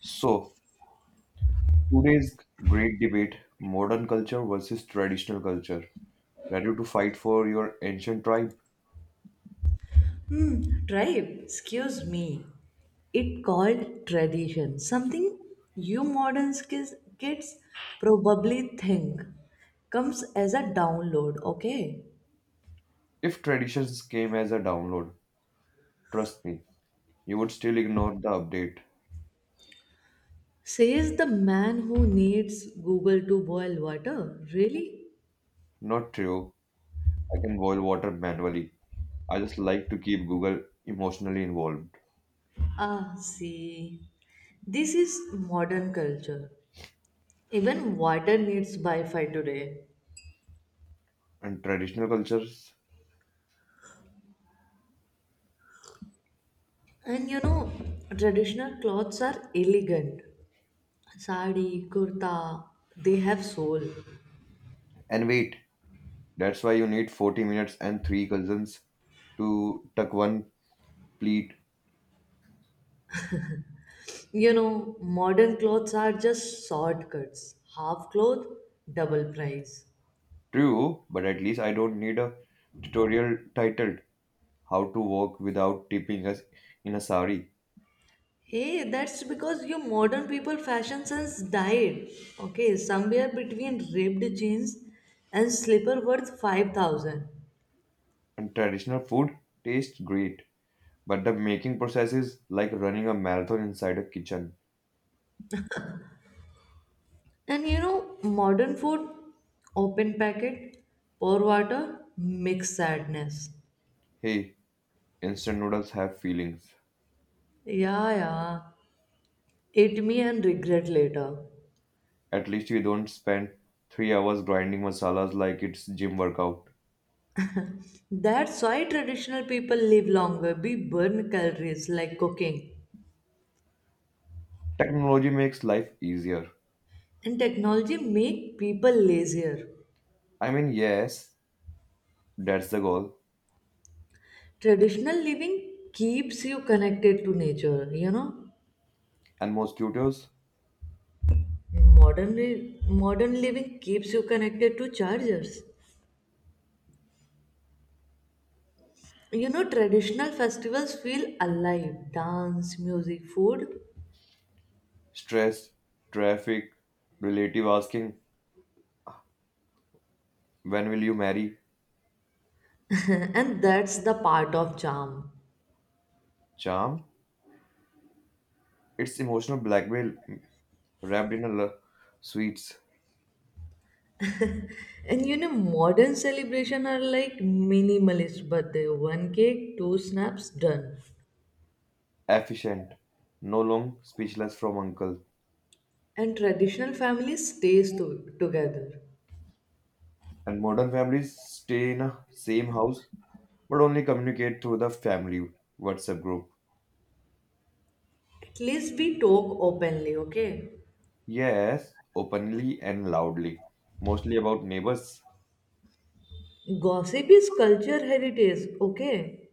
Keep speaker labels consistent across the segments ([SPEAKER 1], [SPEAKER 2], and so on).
[SPEAKER 1] So, today's great debate modern culture versus traditional culture. Ready to fight for your ancient tribe?
[SPEAKER 2] Tribe, excuse me. It called tradition, something you modern kids probably think comes as a download, okay?
[SPEAKER 1] If traditions came as a download, trust me, you would still ignore the update.
[SPEAKER 2] Says the man who needs Google to boil water. Really?
[SPEAKER 1] Not true. I can boil water manually. I just like to keep Google emotionally involved.
[SPEAKER 2] Ah, see. This is modern culture. Even water needs Wi Fi today.
[SPEAKER 1] And traditional cultures?
[SPEAKER 2] And traditional clothes are elegant. Sari, kurta, they have soul.
[SPEAKER 1] And wait, that's why you need 40 minutes and three cousins to tuck one pleat.
[SPEAKER 2] Modern clothes are just shortcuts. Half cloth, double price.
[SPEAKER 1] True, but at least I don't need a tutorial title how to walk without tipping us in a sari.
[SPEAKER 2] Hey, that's because your modern people fashion sense died. Okay, somewhere between ripped jeans and slipper worth 5,000.
[SPEAKER 1] And traditional food tastes great, but the making process is like running a marathon inside a kitchen.
[SPEAKER 2] And modern food, open packet, pour water, mix sadness.
[SPEAKER 1] Hey, instant noodles have feelings.
[SPEAKER 2] Yeah, yeah. Eat me and regret later.
[SPEAKER 1] At least we don't spend 3 hours grinding masalas like it's gym workout.
[SPEAKER 2] That's why traditional people live longer. We burn calories like cooking.
[SPEAKER 1] Technology makes life easier.
[SPEAKER 2] And technology make people lazier.
[SPEAKER 1] I mean, yes, that's the goal.
[SPEAKER 2] Traditional living keeps you connected to nature.
[SPEAKER 1] And mosquitoes,
[SPEAKER 2] Modern living keeps you connected to chargers. Traditional festivals feel alive. Dance, music, food.
[SPEAKER 1] stress, traffic, relative asking, when will you marry?
[SPEAKER 2] And that's the part of charm.
[SPEAKER 1] Charm? It's emotional blackmail wrapped in a sweets,
[SPEAKER 2] And modern celebration are like minimalist birthday. One cake, two snaps, done.
[SPEAKER 1] efficient, no long speechless from uncle.
[SPEAKER 2] And traditional families stays together.
[SPEAKER 1] And modern families stay in a same house but only communicate through the family WhatsApp group.
[SPEAKER 2] At least we talk openly, okay?
[SPEAKER 1] Yes, openly and loudly, mostly about neighbors.
[SPEAKER 2] Gossip is culture heritage, okay?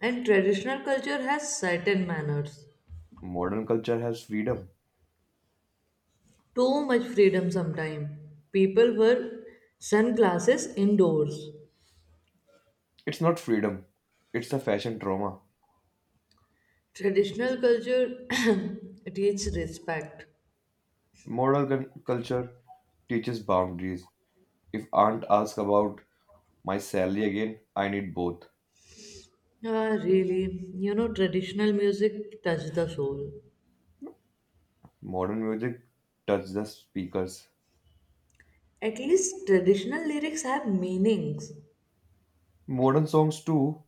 [SPEAKER 2] And traditional culture has certain manners.
[SPEAKER 1] Modern culture has freedom.
[SPEAKER 2] Too much freedom sometimes. People wear sunglasses indoors.
[SPEAKER 1] It's not freedom, it's a fashion trauma.
[SPEAKER 2] Traditional culture teaches respect.
[SPEAKER 1] Modern culture teaches boundaries. If aunt asks about my salary again, I need both.
[SPEAKER 2] Ah, really? Traditional music touch the soul.
[SPEAKER 1] Modern music touches the speakers.
[SPEAKER 2] At least traditional lyrics have meanings.
[SPEAKER 1] Modern songs too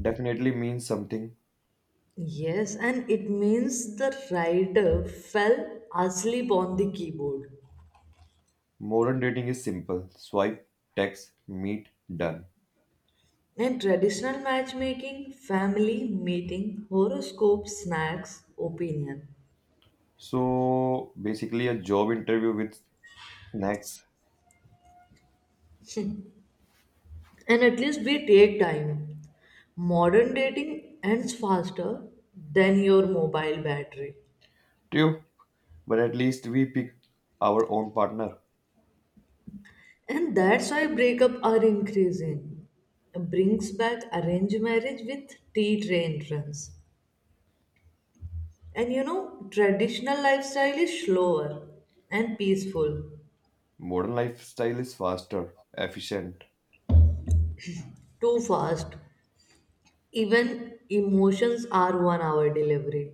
[SPEAKER 1] definitely mean something.
[SPEAKER 2] Yes, and it means the writer fell asleep on the keyboard.
[SPEAKER 1] Modern dating is simple. Swipe, text, meet, done.
[SPEAKER 2] In traditional matchmaking, family meeting, horoscope, snacks, opinion.
[SPEAKER 1] So basically a job interview with snacks
[SPEAKER 2] And at least we take time. Modern dating ends faster than your mobile battery.
[SPEAKER 1] too. But at least we pick our own partner.
[SPEAKER 2] And that's why breakup are increasing. Brings back arranged marriage with tea train runs. And traditional lifestyle is slower and peaceful.
[SPEAKER 1] Modern lifestyle is faster, efficient.
[SPEAKER 2] Too fast. Even emotions are 1 hour delivery.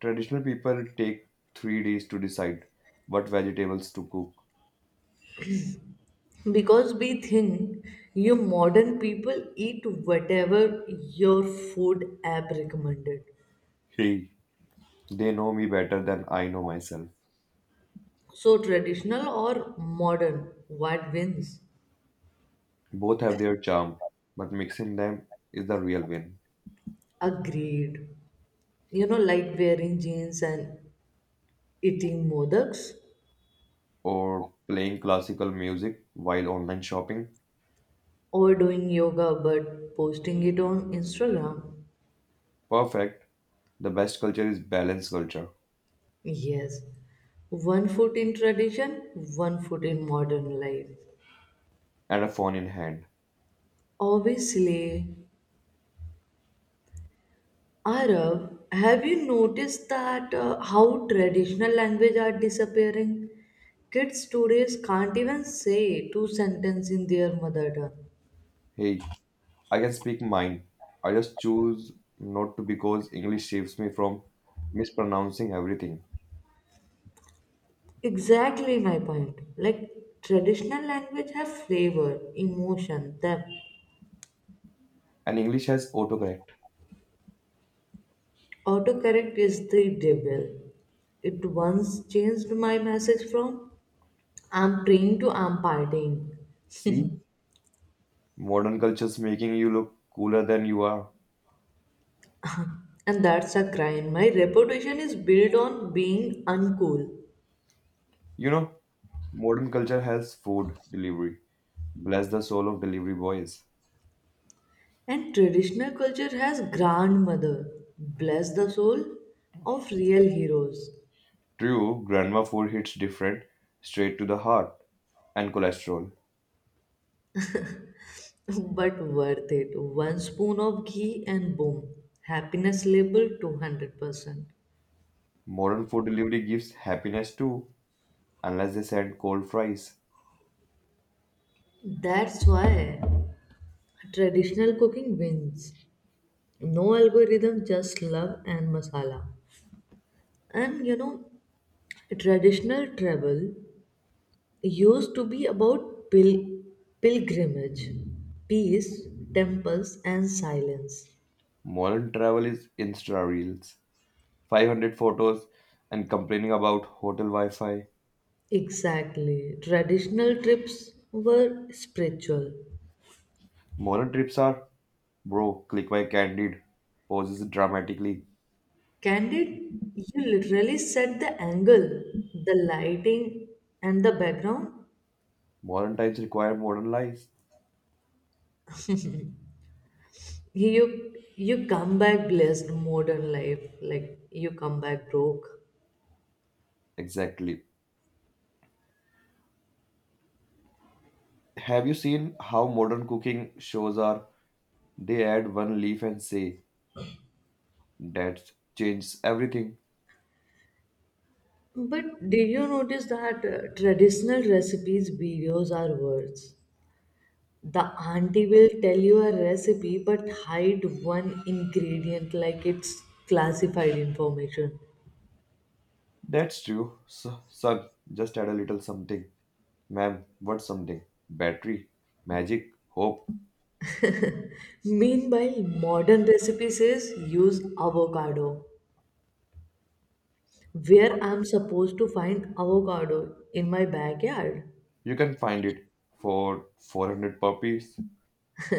[SPEAKER 1] Traditional people take 3 days to decide what vegetables to cook.
[SPEAKER 2] Because we think you modern people eat whatever your food app recommended.
[SPEAKER 1] Hey, they know me better than I know myself.
[SPEAKER 2] So traditional or modern, what wins?
[SPEAKER 1] Both have their charm, but mixing them is the real win.
[SPEAKER 2] Agreed. Like wearing jeans and eating modaks,
[SPEAKER 1] Or playing classical music while online shopping.
[SPEAKER 2] or doing yoga but posting it on Instagram.
[SPEAKER 1] Perfect. The best culture is balanced culture
[SPEAKER 2] Yes, one foot in tradition, one foot in modern life.
[SPEAKER 1] and a phone in hand.
[SPEAKER 2] Obviously, Arab, have you noticed that how traditional language are disappearing? Kids today can't even say two sentences in their mother tongue.
[SPEAKER 1] Hey, I can speak mine. I just choose not to because English saves me from mispronouncing everything.
[SPEAKER 2] Exactly my point. Like traditional language have flavor, emotion, depth.
[SPEAKER 1] And English has autocorrect.
[SPEAKER 2] Autocorrect is the devil. It once changed my message from I'm trained to I'm partying.
[SPEAKER 1] See, modern culture's making you look cooler than you are.
[SPEAKER 2] And that's a crime. My reputation is built on being uncool.
[SPEAKER 1] You know, modern culture has food delivery. Bless the soul of delivery boys.
[SPEAKER 2] And traditional culture has grandmother. Bless the soul of real heroes.
[SPEAKER 1] True, grandma food hits different, straight to the heart and cholesterol.
[SPEAKER 2] But worth it. One spoon of ghee and boom. Happiness level 200%.
[SPEAKER 1] Modern food delivery gives happiness too, unless they send cold fries.
[SPEAKER 2] That's why traditional cooking wins. No algorithm, just love and masala. And traditional travel used to be about pilgrimage, peace, temples, and silence.
[SPEAKER 1] Modern travel is Insta reels, 500 photos, and complaining about hotel Wi Fi.
[SPEAKER 2] Exactly. Traditional trips were spiritual.
[SPEAKER 1] Modern trips are, bro, click by candid, poses dramatically.
[SPEAKER 2] Candid, you literally set the angle, the lighting, and the background.
[SPEAKER 1] Modern times require modern lives.
[SPEAKER 2] You come back blessed modern life, like you come back broke.
[SPEAKER 1] Exactly. Have you seen how modern cooking shows are? They add one leaf and say, that changes everything.
[SPEAKER 2] But did you notice that traditional recipes videos are worse? The auntie will tell you a recipe but hide one ingredient like it's classified information.
[SPEAKER 1] That's true, so, son. Just add a little something. Man, what something? Battery, magic, hope.
[SPEAKER 2] Meanwhile, modern recipe says use avocado. Where I'm supposed to find avocado in my backyard.
[SPEAKER 1] You can find it for 400 rupees.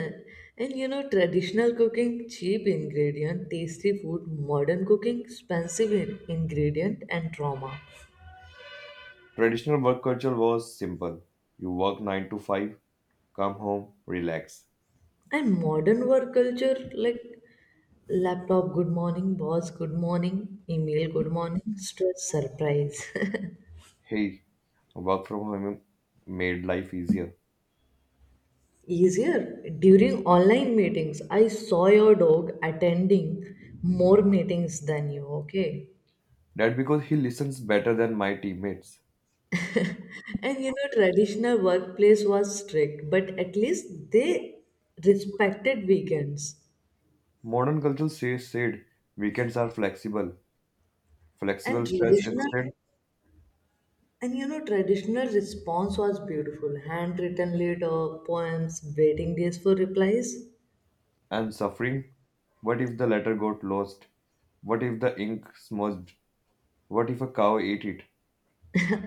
[SPEAKER 2] And traditional cooking, cheap ingredient, tasty food, modern cooking, expensive ingredient, and trauma.
[SPEAKER 1] Traditional work culture was simple. You work 9 to 5, come home, relax.
[SPEAKER 2] And modern work culture, like laptop, good morning, boss, good morning, email, good morning, stress, surprise.
[SPEAKER 1] Hey, work from home made life easier.
[SPEAKER 2] Easier. During online meetings, I saw your dog attending more meetings than you, okay?
[SPEAKER 1] That because he listens better than my teammates.
[SPEAKER 2] And traditional workplace was strict, but at least they respected weekends.
[SPEAKER 1] Modern culture says said weekends are flexible.
[SPEAKER 2] And
[SPEAKER 1] Flexible stress
[SPEAKER 2] traditional
[SPEAKER 1] instead
[SPEAKER 2] And traditional response was beautiful. Handwritten letter, poems, waiting days for replies.
[SPEAKER 1] and suffering. What if the letter got lost? What if the ink smudged? What if a cow ate it?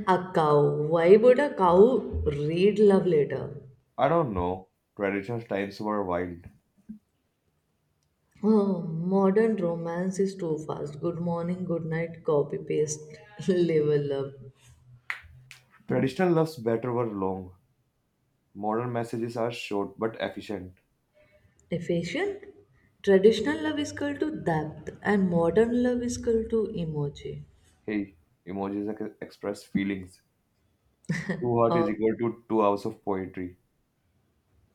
[SPEAKER 2] A cow. Why would a cow read love letter?
[SPEAKER 1] I don't know. Traditional times were wild.
[SPEAKER 2] Oh, modern romance is too fast. Good morning, good night, copy paste, level love.
[SPEAKER 1] Traditional loves better were long. Modern messages are short but efficient.
[SPEAKER 2] Efficient? Traditional love is equal to depth and modern love is equal to emoji.
[SPEAKER 1] Hey, emojis express feelings. Two heart
[SPEAKER 2] Uh,
[SPEAKER 1] is equal to 2 hours of poetry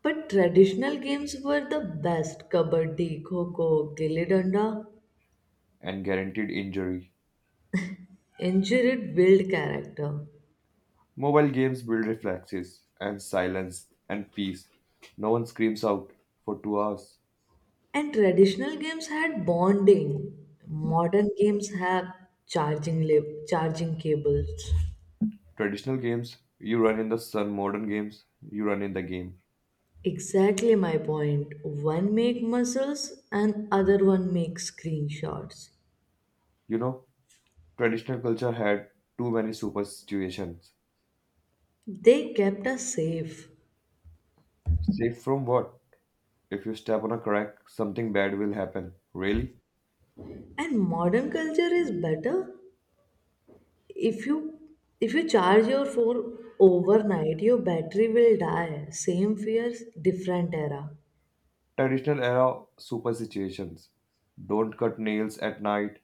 [SPEAKER 2] but traditional games were the best. Kabaddi, kho kho, gilli danda.
[SPEAKER 1] and guaranteed injury.
[SPEAKER 2] Injured build character.
[SPEAKER 1] Mobile games build reflexes and silence and peace. No one screams out for 2 hours.
[SPEAKER 2] And traditional games had bonding. Modern games have charging lip, charging cables.
[SPEAKER 1] Traditional games, you run in the sun. Modern games, you run in the game.
[SPEAKER 2] Exactly my point. One make muscles and other one make screenshots.
[SPEAKER 1] You know, traditional culture had too many superstitions.
[SPEAKER 2] They kept us safe.
[SPEAKER 1] Safe from what? If you step on a crack, something bad will happen. Really?
[SPEAKER 2] And modern culture is better. If you if you charge your phone overnight, your battery will die. Same fears, different era.
[SPEAKER 1] Traditional era superstitions. Don't cut nails at night.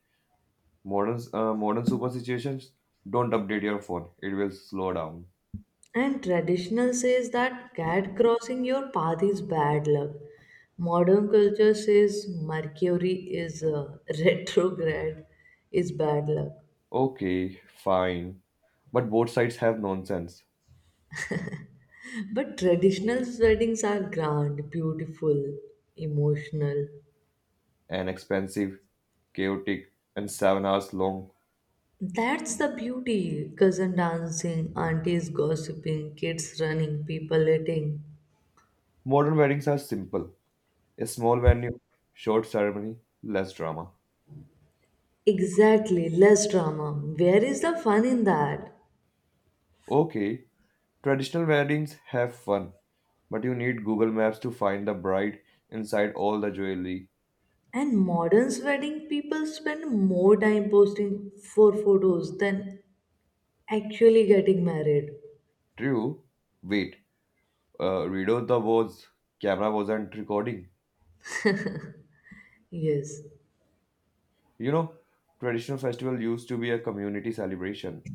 [SPEAKER 1] Modern modern superstitions. Don't update your phone. It will slow down.
[SPEAKER 2] And traditional says that cat crossing your path is bad luck. Modern culture says Mercury is retrograde, is bad luck.
[SPEAKER 1] Okay, fine. But both sides have nonsense.
[SPEAKER 2] But traditional weddings are grand, beautiful, emotional.
[SPEAKER 1] An expensive, chaotic, and 7 hours long.
[SPEAKER 2] That's the beauty. Cousin dancing, aunties gossiping, kids running, people eating.
[SPEAKER 1] Modern weddings are simple. A small venue, short ceremony, less drama.
[SPEAKER 2] Exactly, less drama. Where is the fun in that?
[SPEAKER 1] Okay, traditional weddings have fun, but you need Google Maps to find the bride inside all the jewelry.
[SPEAKER 2] And modern wedding people spend more time posting for photos than actually getting married.
[SPEAKER 1] True. Wait, Rido, the was camera wasn't recording.
[SPEAKER 2] Yes,
[SPEAKER 1] You know, traditional festival used to be a community celebration,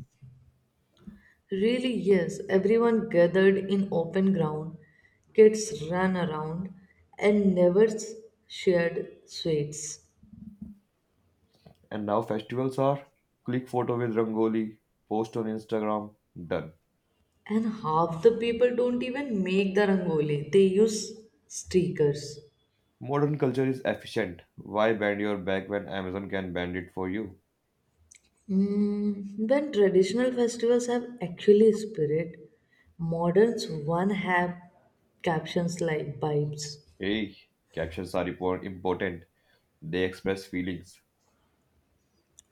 [SPEAKER 2] really, yes. Everyone gathered in open ground, kids ran around, and never shared sweets.
[SPEAKER 1] and now festivals are click photo with Rangoli, post on Instagram, done.
[SPEAKER 2] And half the people don't even make the rangoli, they use stickers.
[SPEAKER 1] Modern culture is efficient. Why bend your back when Amazon can bend it for you?
[SPEAKER 2] Mm, when traditional festivals have actually spirit, moderns one have captions like vibes.
[SPEAKER 1] Hey, captions are important. They express feelings.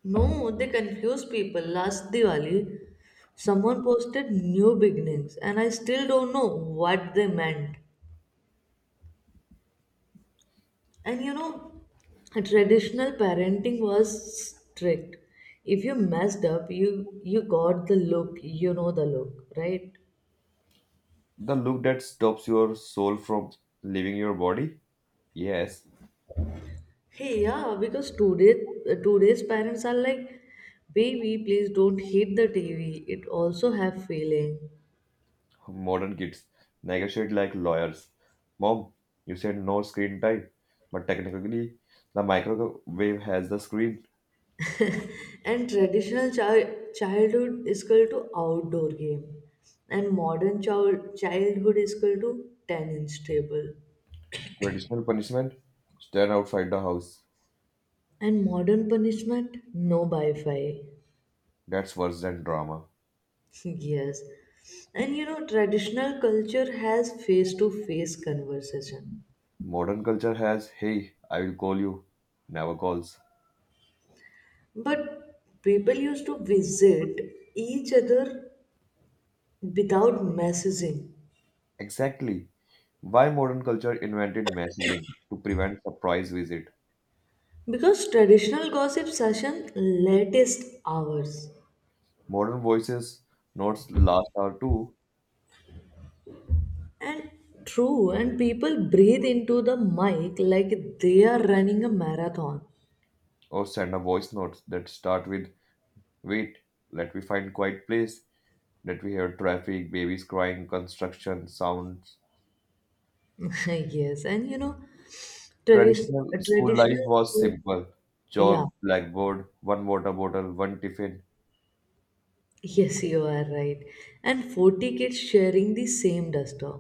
[SPEAKER 2] No, they confuse people. Last Diwali, someone posted new beginnings, and I still don't know what they meant. And a traditional parenting was strict. If you messed up, you got the look. You know the look, right?
[SPEAKER 1] The look that stops your soul from leaving your body. Yes,
[SPEAKER 2] Hey, yeah, because today's parents are like, baby, please don't hit the TV. It also have feeling.
[SPEAKER 1] modern kids negotiate like lawyers. Mom, you said no screen time, but technically, the microwave has the screen.
[SPEAKER 2] And traditional childhood is equal to outdoor game, and modern childhood is equal to tennis table,
[SPEAKER 1] Traditional punishment? Stand outside the house.
[SPEAKER 2] and modern punishment no Wi-Fi.
[SPEAKER 1] That's worse than drama.
[SPEAKER 2] Yes, and traditional culture has face-to-face conversation,
[SPEAKER 1] Modern culture has, hey, I will call you, never calls.
[SPEAKER 2] but people used to visit each other without messaging,
[SPEAKER 1] Exactly. Why modern culture invented messaging to prevent surprise visit.
[SPEAKER 2] because traditional gossip session latest hours.
[SPEAKER 1] Modern voices notes last hour too,
[SPEAKER 2] And true, and people breathe into the mic like they are running a marathon.
[SPEAKER 1] or send a voice note that start with, wait, let me find quiet place. Let me hear traffic, babies crying, construction sounds.
[SPEAKER 2] Yes, and tradi-
[SPEAKER 1] Traditional school life
[SPEAKER 2] traditional
[SPEAKER 1] was
[SPEAKER 2] school.
[SPEAKER 1] simple.
[SPEAKER 2] Yeah.
[SPEAKER 1] Chalk, blackboard, one water bottle, one tiffin.
[SPEAKER 2] Yes, you are right, and 40 kids sharing the same duster.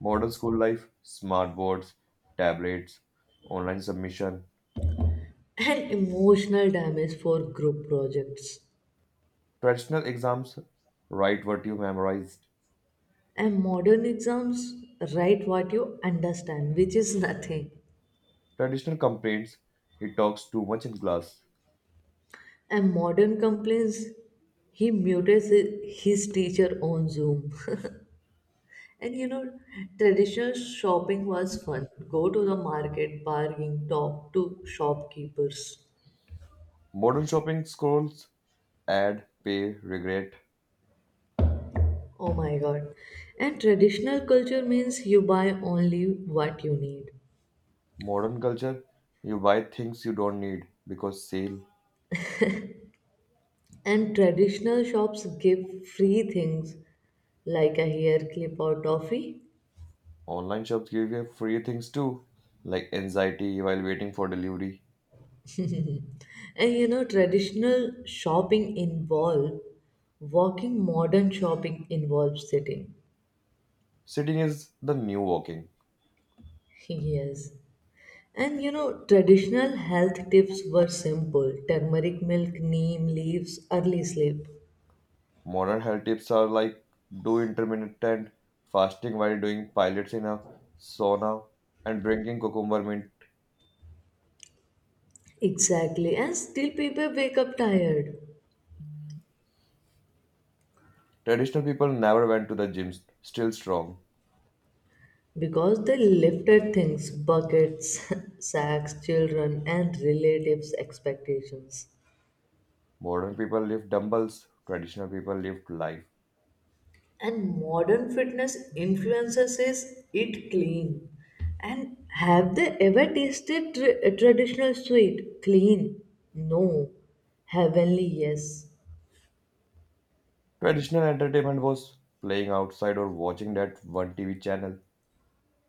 [SPEAKER 1] Modern school life, smart boards, tablets, online submission.
[SPEAKER 2] And emotional damage for group projects.
[SPEAKER 1] Traditional exams, write what you memorized.
[SPEAKER 2] And modern exams write what you understand, which is nothing.
[SPEAKER 1] Traditional complaints, he talks too much in class.
[SPEAKER 2] And modern complaints, he mutes his teacher on Zoom. And traditional shopping was fun. Go to the market, bargain, talk to shopkeepers.
[SPEAKER 1] Modern shopping scrolls, ad, pay, regret.
[SPEAKER 2] Oh my god. And traditional culture means you buy only what you need.
[SPEAKER 1] Modern culture, you buy things you don't need because sale.
[SPEAKER 2] And traditional shops give free things like a hair clip or toffee.
[SPEAKER 1] Online shops give you free things too, like anxiety while waiting for delivery.
[SPEAKER 2] And traditional shopping involve walking, modern shopping involves sitting.
[SPEAKER 1] Sitting is the new walking.
[SPEAKER 2] Yes. And traditional health tips were simple: turmeric milk, neem leaves, early sleep.
[SPEAKER 1] Modern health tips are like do intermittent fasting while doing pilates in a sauna and drinking cucumber mint.
[SPEAKER 2] Exactly. And still people wake up tired
[SPEAKER 1] Traditional people never went to the gyms, still strong.
[SPEAKER 2] because they lifted things, buckets, sacks, children, and relatives' expectations.
[SPEAKER 1] Modern people lift dumbbells, traditional people lift life.
[SPEAKER 2] And modern fitness influences is eat clean. And have they ever tasted traditional sweet clean? No. Heavenly, yes.
[SPEAKER 1] Traditional entertainment was playing outside or watching that one TV channel.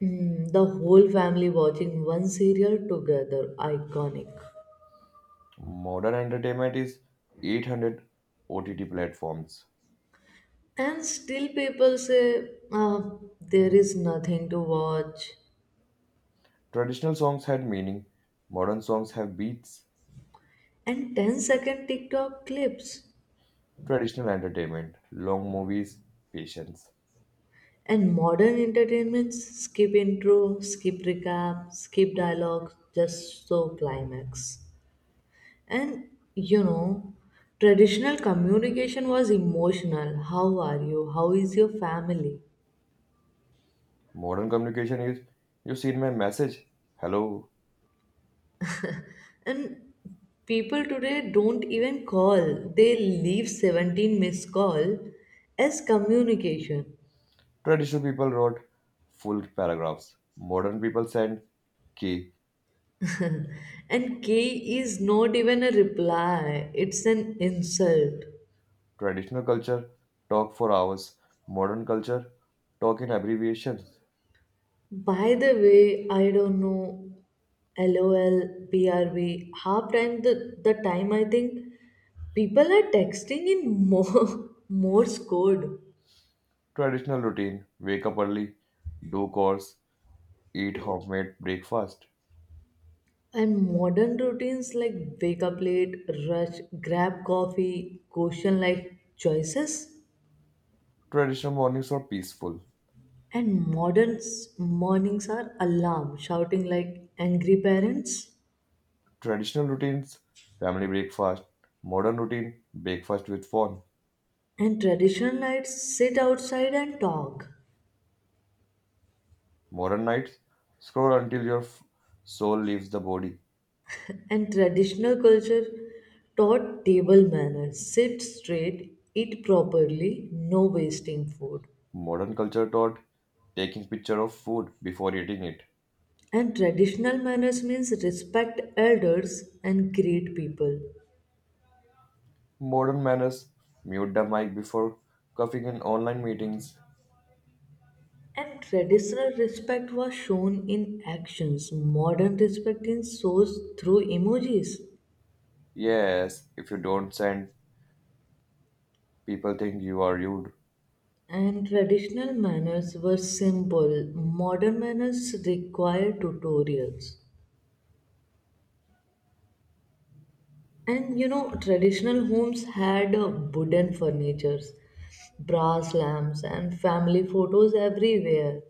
[SPEAKER 2] Mm, the whole family watching one serial together, iconic.
[SPEAKER 1] Modern entertainment is 800 OTT platforms.
[SPEAKER 2] And still, people say, ah, there is nothing to watch.
[SPEAKER 1] Traditional songs had meaning, modern songs have beats,
[SPEAKER 2] And 10 second TikTok clips.
[SPEAKER 1] traditional entertainment, long movies, patience.
[SPEAKER 2] And modern entertainments skip intro, skip recap, skip dialogue, just so climax. And you know, traditional communication was emotional. How are you? How is your family?
[SPEAKER 1] Modern communication is, you seen my message? Hello.
[SPEAKER 2] And people today don't even call. They leave 17 missed call as communication.
[SPEAKER 1] Traditional people wrote full paragraphs. Modern people send key.
[SPEAKER 2] And K is not even a reply, it's an insult.
[SPEAKER 1] Traditional culture talk for hours. Modern culture talk in abbreviations.
[SPEAKER 2] By the way, I don't know. LOL, brv. Half time the time I think people are texting in more Morse code.
[SPEAKER 1] Traditional routine wake up early, do chores, eat homemade breakfast.
[SPEAKER 2] And modern routines like wake up late, rush, grab coffee, question like choices.
[SPEAKER 1] Traditional mornings are peaceful.
[SPEAKER 2] And modern mornings are alarm, shouting like angry parents.
[SPEAKER 1] Traditional routines, family breakfast. Modern routine, breakfast with phone.
[SPEAKER 2] And traditional nights sit outside and talk.
[SPEAKER 1] Modern nights, scroll until your soul leaves the body.
[SPEAKER 2] And traditional culture taught table manners. Sit straight, eat properly, no wasting food.
[SPEAKER 1] Modern culture taught taking picture of food before eating it.
[SPEAKER 2] And traditional manners means respect elders and greet people.
[SPEAKER 1] Modern manners, mute the mic before coughing in online meetings.
[SPEAKER 2] And traditional respect was shown in actions. Modern respect is shown through emojis.
[SPEAKER 1] Yes, if you don't send, people think you are rude.
[SPEAKER 2] And traditional manners were simple. Modern manners require tutorials. And traditional homes had wooden furnitures, brass lamps, and family photos everywhere.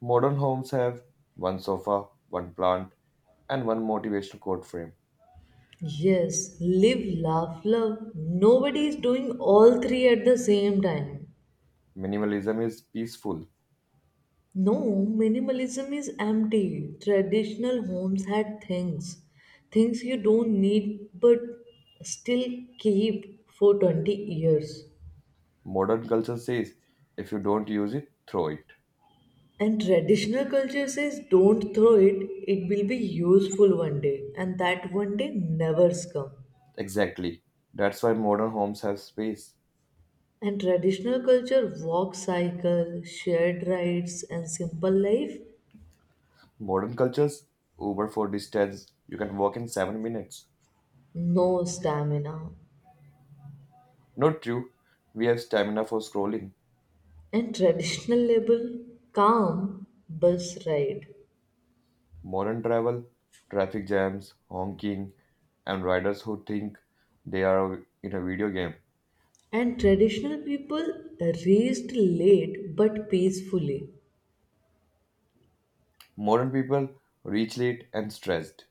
[SPEAKER 1] Modern homes have one sofa, one plant, and one motivational quote frame.
[SPEAKER 2] Yes, live, laugh, love. Nobody is doing all three at the same time.
[SPEAKER 1] Minimalism is peaceful.
[SPEAKER 2] No, minimalism is empty. Traditional homes had things, things you don't need but still keep for 20 years.
[SPEAKER 1] Modern culture says if you don't use it, throw it.
[SPEAKER 2] And traditional culture says, don't throw it, it will be useful one day. And that one day never's come.
[SPEAKER 1] Exactly. That's why modern homes have space.
[SPEAKER 2] And traditional culture, walk cycle, shared rides, and simple life,
[SPEAKER 1] Modern cultures, Uber for distance, you can walk in 7 minutes.
[SPEAKER 2] no stamina.
[SPEAKER 1] Not true. We have stamina for scrolling.
[SPEAKER 2] And traditional label, calm, bus ride.
[SPEAKER 1] Modern travel, traffic jams, honking, and riders who think they are in a video game.
[SPEAKER 2] And traditional people reached late but peacefully.
[SPEAKER 1] Modern people reach late and stressed.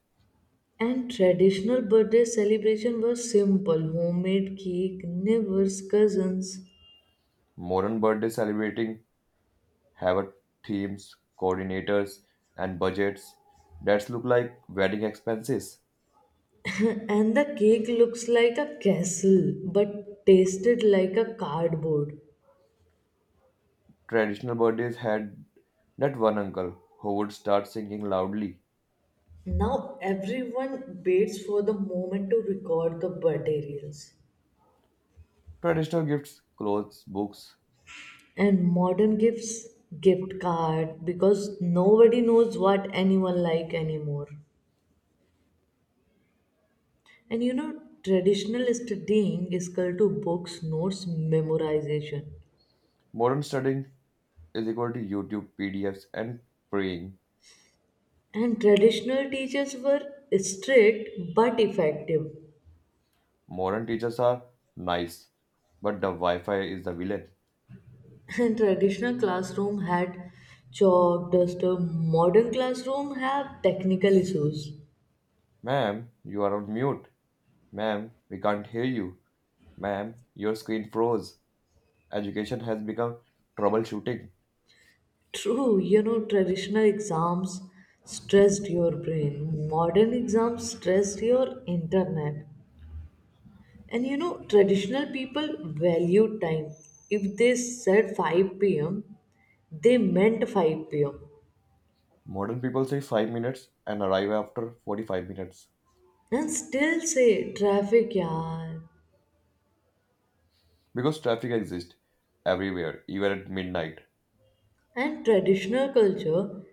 [SPEAKER 2] And traditional birthday celebration was simple homemade cake, neighbors, cousins.
[SPEAKER 1] Modern birthday celebrating have teams, coordinators, and budgets that look like wedding expenses.
[SPEAKER 2] And the cake looks like a castle but tasted like a cardboard.
[SPEAKER 1] Traditional birthdays had that one uncle who would start singing loudly.
[SPEAKER 2] Now everyone waits for the moment to record the birthday reels.
[SPEAKER 1] Traditional gifts, clothes, books.
[SPEAKER 2] And modern gifts, gift card, because nobody knows what anyone like anymore. And traditional studying is equal to books, notes, memorization.
[SPEAKER 1] Modern studying is equal to YouTube, PDFs, and praying.
[SPEAKER 2] And traditional teachers were strict but effective.
[SPEAKER 1] Modern teachers are nice, but the Wi Fi is the villain.
[SPEAKER 2] And traditional classroom had chalk, duster. Modern classroom have technical issues.
[SPEAKER 1] Ma'am, you are on mute. Ma'am, we can't hear you. Ma'am, your screen froze. Education has become troubleshooting.
[SPEAKER 2] True, traditional exams stressed your brain. Modern exams stressed your internet. And traditional people value time. If they said 5 p.m., they meant 5 p.m.
[SPEAKER 1] Modern people say 5 minutes and arrive after 45 minutes
[SPEAKER 2] and still say traffic yaar.
[SPEAKER 1] because traffic exists everywhere, even at midnight.
[SPEAKER 2] And traditional culture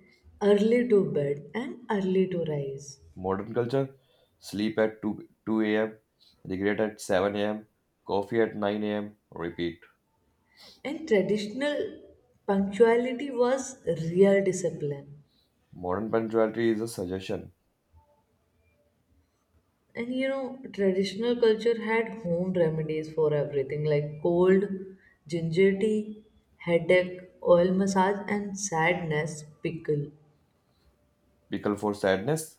[SPEAKER 2] early to bed and early to rise.
[SPEAKER 1] Modern culture sleep at 2 a.m., regret at 7 a.m., coffee at 9 a.m., repeat.
[SPEAKER 2] And traditional punctuality was real discipline.
[SPEAKER 1] Modern punctuality is a suggestion.
[SPEAKER 2] And traditional culture had home remedies for everything like cold, ginger tea, headache, oil massage, and sadness pickle.
[SPEAKER 1] Pickle for sadness.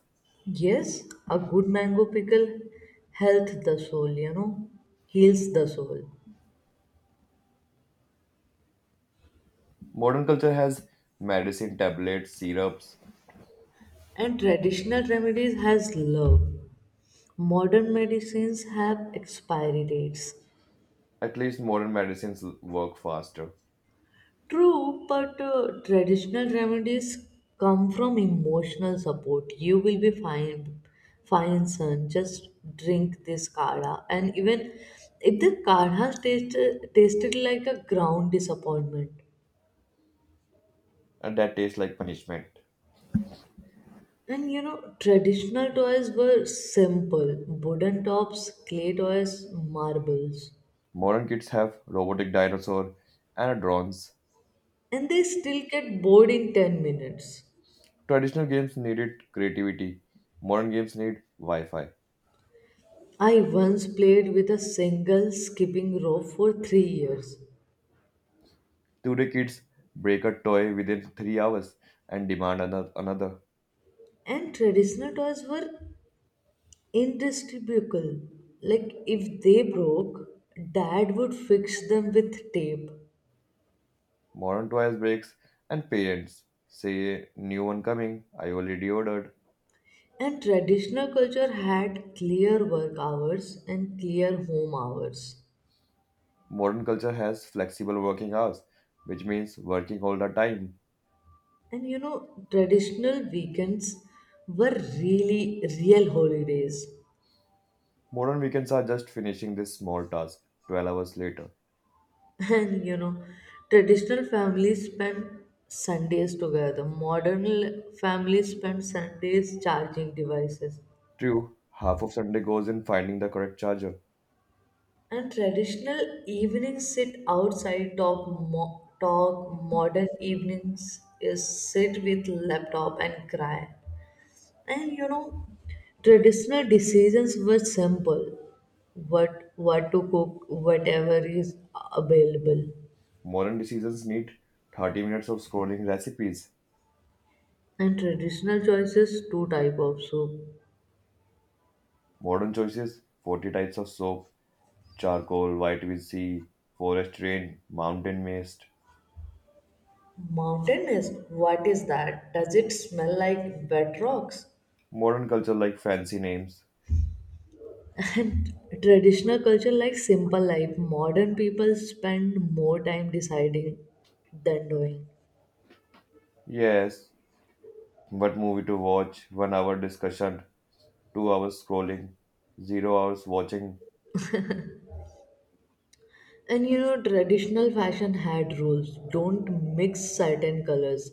[SPEAKER 2] Yes, a good mango pickle health the soul, heals the soul.
[SPEAKER 1] Modern culture has medicine, tablets, syrups.
[SPEAKER 2] And traditional remedies has love. Modern medicines have expiry dates.
[SPEAKER 1] At least modern medicines work faster,
[SPEAKER 2] True, but traditional remedies come from emotional support. You will be fine, fine, son. Just drink this kadha. And even if the kadha tasted like a ground disappointment.
[SPEAKER 1] and that tastes like punishment.
[SPEAKER 2] And traditional toys were simple wooden tops, clay toys, marbles.
[SPEAKER 1] Modern kids have robotic dinosaur and drones.
[SPEAKER 2] And they still get bored in 10 minutes.
[SPEAKER 1] Traditional games needed creativity. Modern games need Wi-Fi.
[SPEAKER 2] I once played with a single skipping rope for 3 years.
[SPEAKER 1] Today kids break a toy within 3 hours and demand another.
[SPEAKER 2] And traditional toys were indestructible. Like if they broke, dad would fix them with tape.
[SPEAKER 1] Modern toys breaks and parents say new one coming. I already ordered.
[SPEAKER 2] And traditional culture had clear work hours and clear home hours.
[SPEAKER 1] Modern culture has flexible working hours, which means working all the time.
[SPEAKER 2] And traditional weekends were really real holidays.
[SPEAKER 1] Modern weekends are just finishing this small task 12 hours later.
[SPEAKER 2] And traditional families spent Sundays together. Modern families spend Sundays charging devices.
[SPEAKER 1] True, half of Sunday goes in finding the correct charger.
[SPEAKER 2] And traditional evenings sit outside, talk, talk modern evenings is sit with laptop and cry. And traditional decisions were simple. What to cook, whatever is available.
[SPEAKER 1] Modern decisions need 30 minutes of scrolling recipes.
[SPEAKER 2] And traditional choices, two type of soup.
[SPEAKER 1] Modern choices 40 types of soap, charcoal, vitamin C, forest rain, mountain mist.
[SPEAKER 2] Mountain is what is that? Does it smell like wet rocks?
[SPEAKER 1] Modern culture like fancy names.
[SPEAKER 2] And traditional culture likes simple life. Modern people spend more time deciding than doing.
[SPEAKER 1] Yes, what movie to watch, 1 hour discussion, 2 hours scrolling, 0 hours watching.
[SPEAKER 2] And traditional fashion had rules. Don't mix certain colors.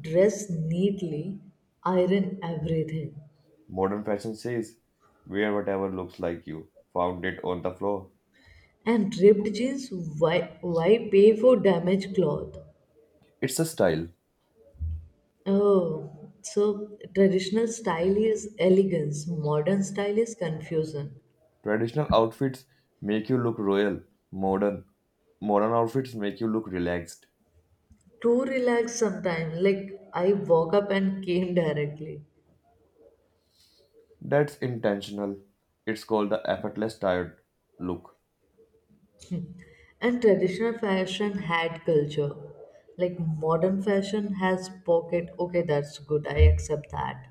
[SPEAKER 2] Dress neatly. Iron everything.
[SPEAKER 1] Modern fashion says, wear whatever looks like you. Found it on the floor.
[SPEAKER 2] And ripped jeans, why pay for damaged cloth?
[SPEAKER 1] It's a style.
[SPEAKER 2] Oh, so traditional style is elegance, modern style is confusion.
[SPEAKER 1] Traditional outfits make you look royal. Modern modern outfits make you look relaxed.
[SPEAKER 2] Too relaxed sometimes. Like I woke up and came directly.
[SPEAKER 1] That's intentional. It's called the effortless tired look.
[SPEAKER 2] And traditional fashion had culture. Like modern fashion has pocket. Okay, that's good. I accept that.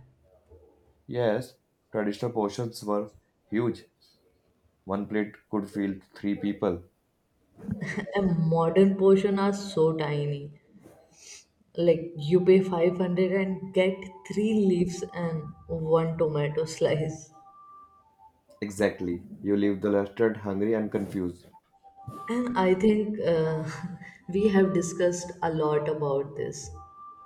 [SPEAKER 1] Yes, traditional portions were huge. One plate could feed three people.
[SPEAKER 2] And modern portion are so tiny. Like you pay 500 and get three leaves and one tomato slice.
[SPEAKER 1] Exactly. You leave the restaurant hungry and confused.
[SPEAKER 2] And I think we have discussed a lot about this.